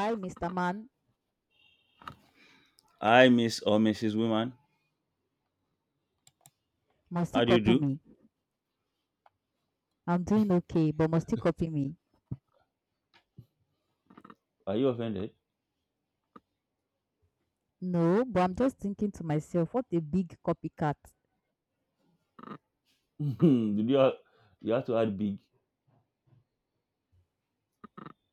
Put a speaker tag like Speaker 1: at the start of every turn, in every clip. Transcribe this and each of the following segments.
Speaker 1: Hi, Mr. Man.
Speaker 2: I Miss or Mrs. Woman.
Speaker 1: Must you
Speaker 2: How do you
Speaker 1: copy
Speaker 2: do?
Speaker 1: me? I'm doing okay, but must you copy me?
Speaker 2: Are you offended?
Speaker 1: No, but I'm just thinking to myself, what a big copycat.
Speaker 2: Did you have to add big?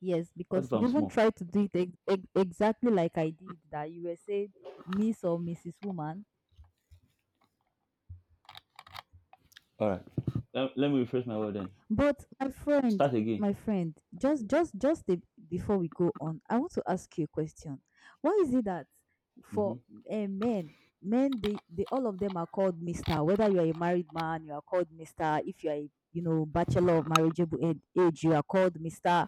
Speaker 1: Yes,
Speaker 2: What if
Speaker 1: because you
Speaker 2: I'm
Speaker 1: even
Speaker 2: small?
Speaker 1: tried to do it exactly like I did, that you were saying Miss or Mrs. Woman.
Speaker 2: All right. Let me rephrase my word then.
Speaker 1: But my friend,
Speaker 2: Start again.
Speaker 1: my friend, just just just a, before we go on, I want to ask you a question. Why is it that for
Speaker 2: Mm-hmm.
Speaker 1: men, men they all of them are called Mister. Whether you are a married man, you are called Mister. If you are a you know bachelor of marriageable age, you are called Mister.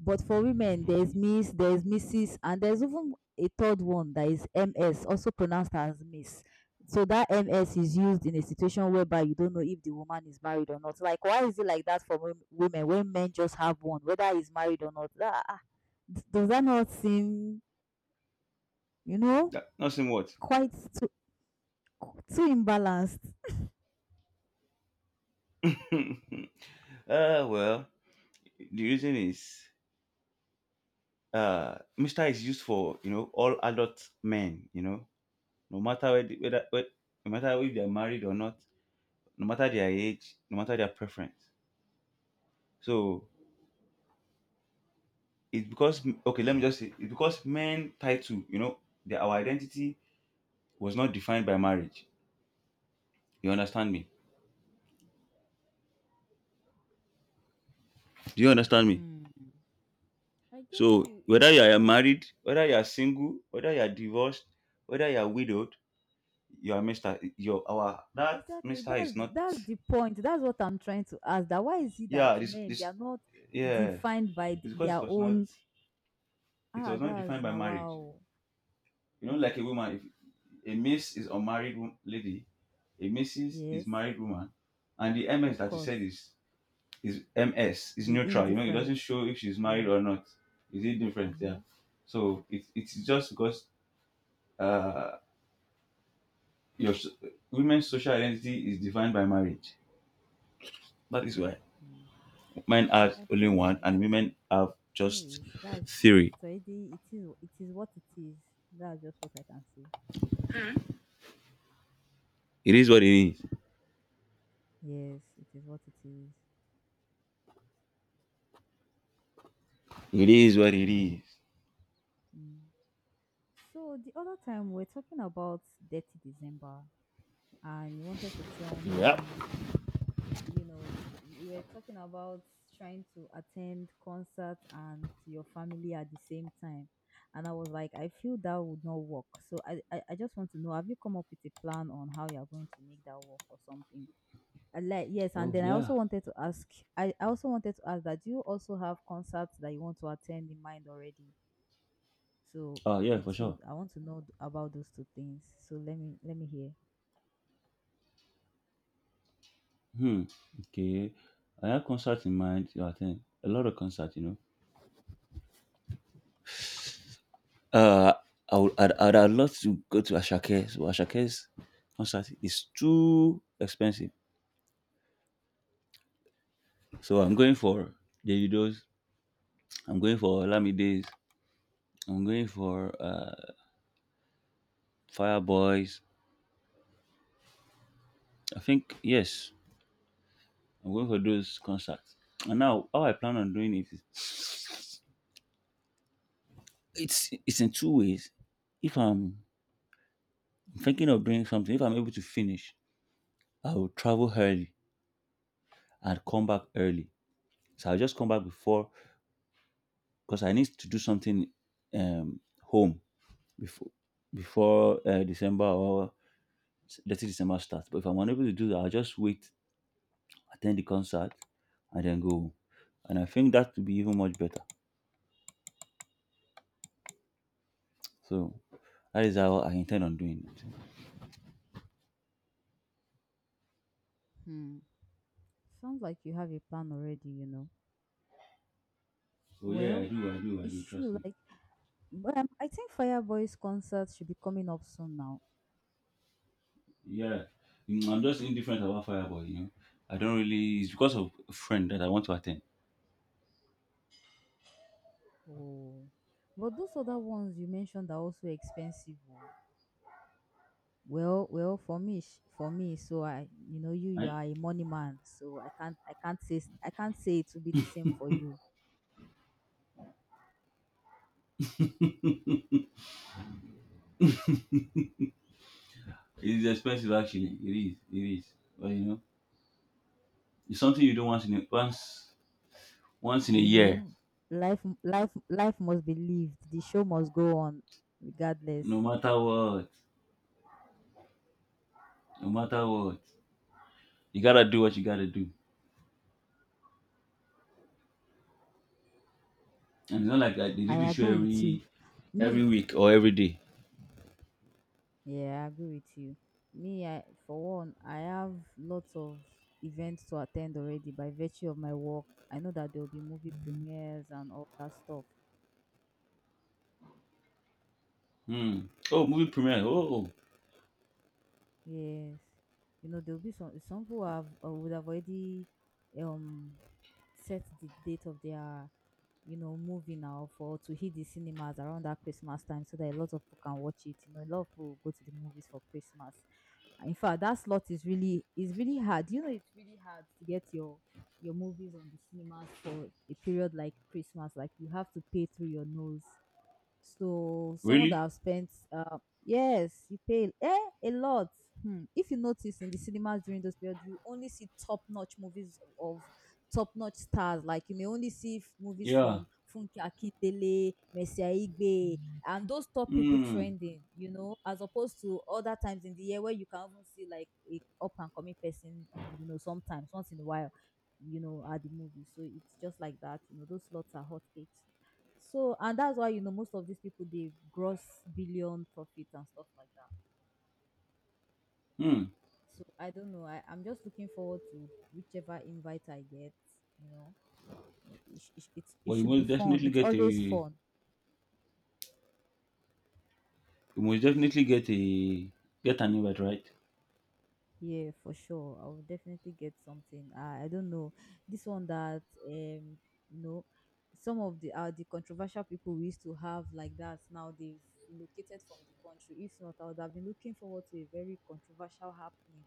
Speaker 1: But for women, there's
Speaker 2: Mm-hmm.
Speaker 1: Miss, there's Mrs, and there's even a third one that is MS, also pronounced as Miss. So that MS is used in a situation whereby you don't know if the woman is married or not. Like, why is it like that for women when men just have one, whether he's married or not? Does that not seem, you know,
Speaker 2: That, nothing what?
Speaker 1: quite too, too imbalanced?
Speaker 2: uh, well, the reason is Mister is used for you know all adult men. You know, no matter whether no matter if they are married or not, no matter their age, no matter their preference. So it's because, okay, let me just say it's because men title, you know, their our identity was not defined by marriage. You understand me? Do you understand me?
Speaker 1: Hmm. I get
Speaker 2: So
Speaker 1: you. It's
Speaker 2: whether you
Speaker 1: just
Speaker 2: are
Speaker 1: that
Speaker 2: married, whether you are single, whether you are divorced, whether you are widowed, you are mister, your our that
Speaker 1: exactly.
Speaker 2: mister is not.
Speaker 1: That's the point. That's what I'm trying to ask. That why is it that
Speaker 2: yeah this
Speaker 1: men they
Speaker 2: this
Speaker 1: are not
Speaker 2: yeah,
Speaker 1: defined by
Speaker 2: it's because it
Speaker 1: their
Speaker 2: was not,
Speaker 1: own
Speaker 2: it
Speaker 1: ah
Speaker 2: was not
Speaker 1: that's
Speaker 2: defined by
Speaker 1: now
Speaker 2: marriage.
Speaker 1: wow.
Speaker 2: You know,
Speaker 1: Mm.
Speaker 2: like a woman, if a miss is unmarried wo- lady, a missus is
Speaker 1: Yes,
Speaker 2: married woman, and the ms
Speaker 1: of
Speaker 2: that you
Speaker 1: course.
Speaker 2: said is MS is
Speaker 1: The
Speaker 2: neutral. You know, it doesn't
Speaker 1: indifferent.
Speaker 2: show if she's married
Speaker 1: Yeah.
Speaker 2: or not. Is it different? Yeah.
Speaker 1: Mm-hmm.
Speaker 2: So it's just because uh, your s- women's social identity is defined by marriage. That is why
Speaker 1: Mm.
Speaker 2: men
Speaker 1: Okay,
Speaker 2: have
Speaker 1: I
Speaker 2: only
Speaker 1: feel you.
Speaker 2: one, and
Speaker 1: It's okay.
Speaker 2: women have just
Speaker 1: Anyways,
Speaker 2: theory.
Speaker 1: it's already it is what it is. That's just what I can say.
Speaker 2: It is what it is.
Speaker 1: Yes, it is what it is.
Speaker 2: It is what it is.
Speaker 1: Mm. So the other time we're talking about Dirty December, and you wanted to tell
Speaker 2: Yeah.
Speaker 1: me you know you were talking about trying to attend concerts and your family at the same time and I was like I feel that would not work so I just want to know, have you come up with a plan on how you're going to make that work or something? I like, yes, and
Speaker 2: Oh
Speaker 1: then I also
Speaker 2: yeah.
Speaker 1: wanted to ask. I also wanted to ask that do you also have concerts that you want to attend in mind already, so
Speaker 2: Oh yeah,
Speaker 1: the
Speaker 2: for
Speaker 1: two
Speaker 2: sure.
Speaker 1: I want to know about those two things. So let me hear.
Speaker 2: Hmm. Okay. I have concerts in mind to attend. A lot of concerts, you know. Uh, I would, I'd love to go to Ashake's, but Ashake's concert is too expensive. So I'm going for Davido's. I'm going for Lamide's. I'm going for Fireboys. I think yes, I'm going for those concerts. And now, how I plan on doing it is it's in two ways. If I'm thinking of doing something, if I'm able to finish, I will travel early and come back early. So I'll just come back before, because I need to do something home before, before December, or let's say December starts. But if I'm unable to do that, I'll just wait, attend the concert, and then go home. And I think that would be even much better. So that is how I intend on doing it.
Speaker 1: Hmm, sounds like you have a plan already, you know.
Speaker 2: So yeah, I
Speaker 1: Well,
Speaker 2: do, I do, I
Speaker 1: it's
Speaker 2: do. Trust
Speaker 1: true.
Speaker 2: me.
Speaker 1: Like, but I think Fireboy's concert should be coming up soon now.
Speaker 2: Yeah, mm, I'm just indifferent about Fireboy. You know, I don't really. It's because of a friend that I want to attend.
Speaker 1: Oh, but those other ones you mentioned are also expensive. Oh. Well, for me, for me, so I, you know, you
Speaker 2: Right?
Speaker 1: are a money man, so I can't say, I can't say it will be the same for you.
Speaker 2: It is expensive, actually. It is. It is. But you know, it's something you don't want to once, once in a
Speaker 1: You
Speaker 2: year,
Speaker 1: know, life, life must be lived. The show must go on,
Speaker 2: no
Speaker 1: regardless.
Speaker 2: matter what, no matter what, you gotta do what you gotta do. And it's not like I, they
Speaker 1: I
Speaker 2: do the show
Speaker 1: agree with you.
Speaker 2: every
Speaker 1: Me,
Speaker 2: week or every day.
Speaker 1: yeah, I agree with you. Me, I for one, I have lots of events to attend already by virtue of my work. I know that there will be movie premieres and all that stuff.
Speaker 2: Hmm. Oh, movie premiere. Oh, oh.
Speaker 1: Yes. You know, there'll be some who have or would have already um set the date of their you know movie now for to hit the cinemas around that Christmas time so that a lot of people can watch it. You know, a lot of people go to the movies for Christmas. And in fact, that slot is really hard. You know, it's really hard to get your movies on the cinemas for a period like Christmas. Like you have to pay through your nose so someone that
Speaker 2: Really?
Speaker 1: have spent, yes, you pay a lot. Hmm. If you notice in the cinemas during those periods, you only see top-notch movies of top-notch stars. Like you may only see movies
Speaker 2: Yeah.
Speaker 1: from Funke Akindele, Messiah Igbe, and those top people
Speaker 2: Hmm.
Speaker 1: trending. You know, as opposed to other times in the year where you can even see like a up-and-coming person. Or, you know, sometimes once in a while, you know, at the movie. So it's just like that. You know, those slots are hotcakes. So, and that's why, you know, most of these people, they gross billion profit and stuff like that.
Speaker 2: Hmm.
Speaker 1: So, I don't know. I'm just looking forward to whichever invite I get, you know. It
Speaker 2: But you
Speaker 1: should be
Speaker 2: must
Speaker 1: fun.
Speaker 2: definitely
Speaker 1: It's
Speaker 2: get a
Speaker 1: always
Speaker 2: you
Speaker 1: fun.
Speaker 2: must definitely get a get an invite, right?
Speaker 1: Yeah, for sure. I will definitely get something. I don't know. This one that, um, you know, some of the controversial people we used to have like that, now they've relocated from the country. If not, I would have been looking forward to a very controversial happening.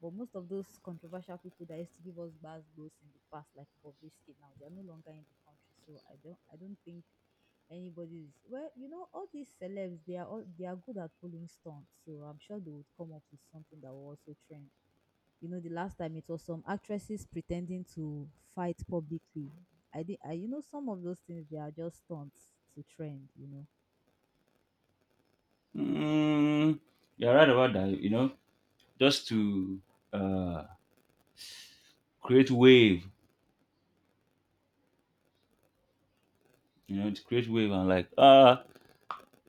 Speaker 1: But most of those controversial people that used to give us bad blows in the past, like Bobrisky now, they are no longer in the country. So I don't think anybody is well, you know, all these celebs they are good at pulling stunts. So I'm sure they would come up with something that will also trend. You know, the last time it was some actresses pretending to fight publicly. I did I you know, some of those things they are just stunts to trend, you know.
Speaker 2: Hmm. You're right about that. You know, just to uh create wave. You know, to create wave, and like, ah,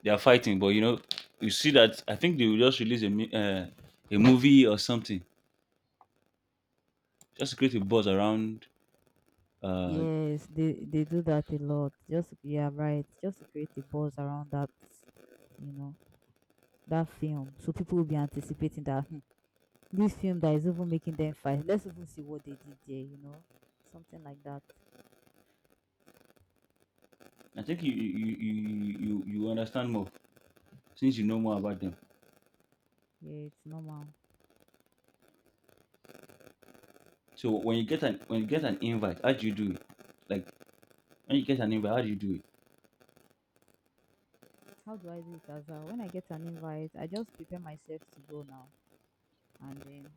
Speaker 2: they are fighting. But you know, you see that I think they will just release a mi- a movie or something just to create a buzz around. Uh,
Speaker 1: Yes, they do that a lot. Just yeah, right. Just to create a buzz around that, you know. That film. So people will be anticipating that, "Hmm, this film that is even making them fight. Let's even see what they did there," you know, something like that.
Speaker 2: I think you understand more since you know more about them.
Speaker 1: Yeah, it's normal.
Speaker 2: So when you get an invite, how do you do it? Like when you get an invite, how do you do it?
Speaker 1: How do I do it as well? When I get an invite, I just prepare myself to go now, and then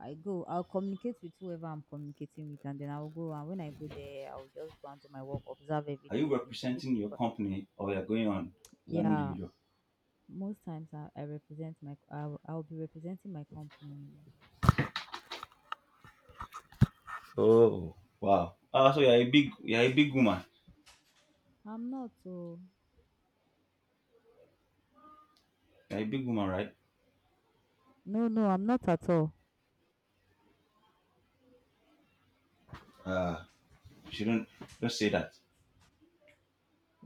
Speaker 1: I go. I'll communicate with whoever I'm communicating with, and then I'll go. And when I go there, I'll just go and do my work, observe
Speaker 2: Are you
Speaker 1: everything, interview the
Speaker 2: representing your
Speaker 1: people.
Speaker 2: company, or you're going on as an
Speaker 1: Yeah,
Speaker 2: individual?
Speaker 1: most times I represent my. I'll be representing my company. You know,
Speaker 2: Oh wow! Ah, so you're a big woman.
Speaker 1: I'm not. Oh,
Speaker 2: You're a big woman, right?
Speaker 1: no, no, I'm not at all.
Speaker 2: Ah, you shouldn't don't say that.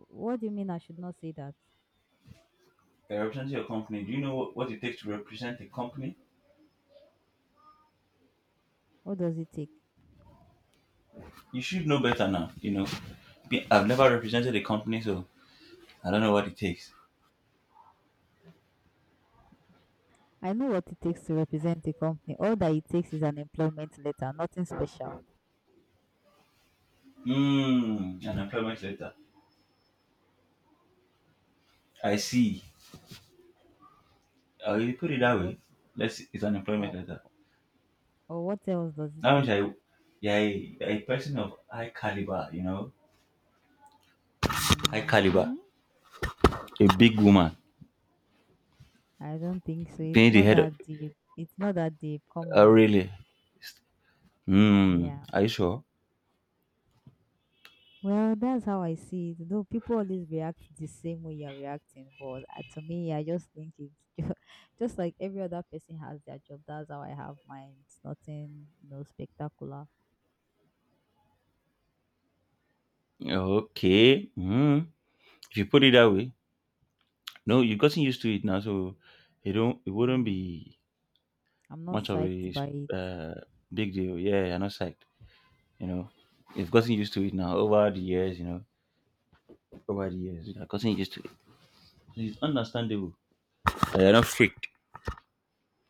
Speaker 1: What do you mean I should not say that?
Speaker 2: You're representing your company. Do you know what it takes to represent a company?
Speaker 1: What does it take?
Speaker 2: You should know better now. You know, Be- I've never represented a company, so I don't know what it takes.
Speaker 1: I know what it takes to represent a company. All that it takes is an employment letter, nothing special.
Speaker 2: Mm, an employment letter. I see. If you put it
Speaker 1: Or
Speaker 2: that
Speaker 1: what
Speaker 2: way, let's see, it's an employment
Speaker 1: or
Speaker 2: letter.
Speaker 1: or what else does it
Speaker 2: That means
Speaker 1: take?
Speaker 2: I, yeah, a person of high caliber. You know, high caliber.
Speaker 1: Mm,
Speaker 2: A big woman
Speaker 1: I don't think so. It's
Speaker 2: being the
Speaker 1: not
Speaker 2: head. Of,
Speaker 1: that deep. It's not that deep. Come
Speaker 2: oh,
Speaker 1: on.
Speaker 2: really? Hmm.
Speaker 1: Yeah.
Speaker 2: Are you sure?
Speaker 1: Well, that's how I see it. Though people always react the same way you're reacting, but to me, I just think it's just like every other person has their job. That's how I have mine. It's nothing, no spectacular.
Speaker 2: Okay. Hmm. If you put it that way, no, you've gotten used to it now, so it wouldn't
Speaker 1: Mm.
Speaker 2: be
Speaker 1: I'm not
Speaker 2: much of
Speaker 1: psyched
Speaker 2: a
Speaker 1: by it.
Speaker 2: uh, big deal. Yeah, you're not psyched. You know, you've gotten used to it now over the years. You know, over the years,
Speaker 1: Mhm.
Speaker 2: you've gotten used to it. So it's understandable that you're not freaked,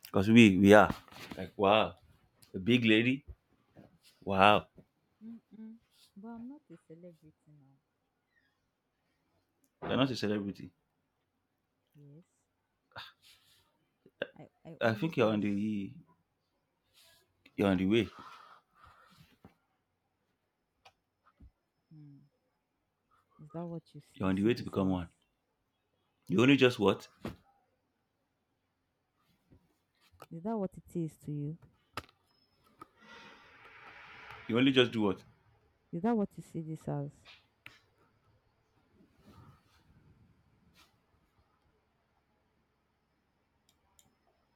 Speaker 2: because we are like, wow, a big lady. Wow,
Speaker 1: Mm-mm. But I'm not a celebrity now.
Speaker 2: you're not a celebrity.
Speaker 1: Yes. I
Speaker 2: I
Speaker 1: only
Speaker 2: think
Speaker 1: just
Speaker 2: you're on the way.
Speaker 1: mm. Is that what you
Speaker 2: You're
Speaker 1: you
Speaker 2: on the
Speaker 1: see
Speaker 2: way to
Speaker 1: this
Speaker 2: become
Speaker 1: as?
Speaker 2: one. You only just what?
Speaker 1: Is that what it is to you?
Speaker 2: You only just do what?
Speaker 1: Is that what you see this as?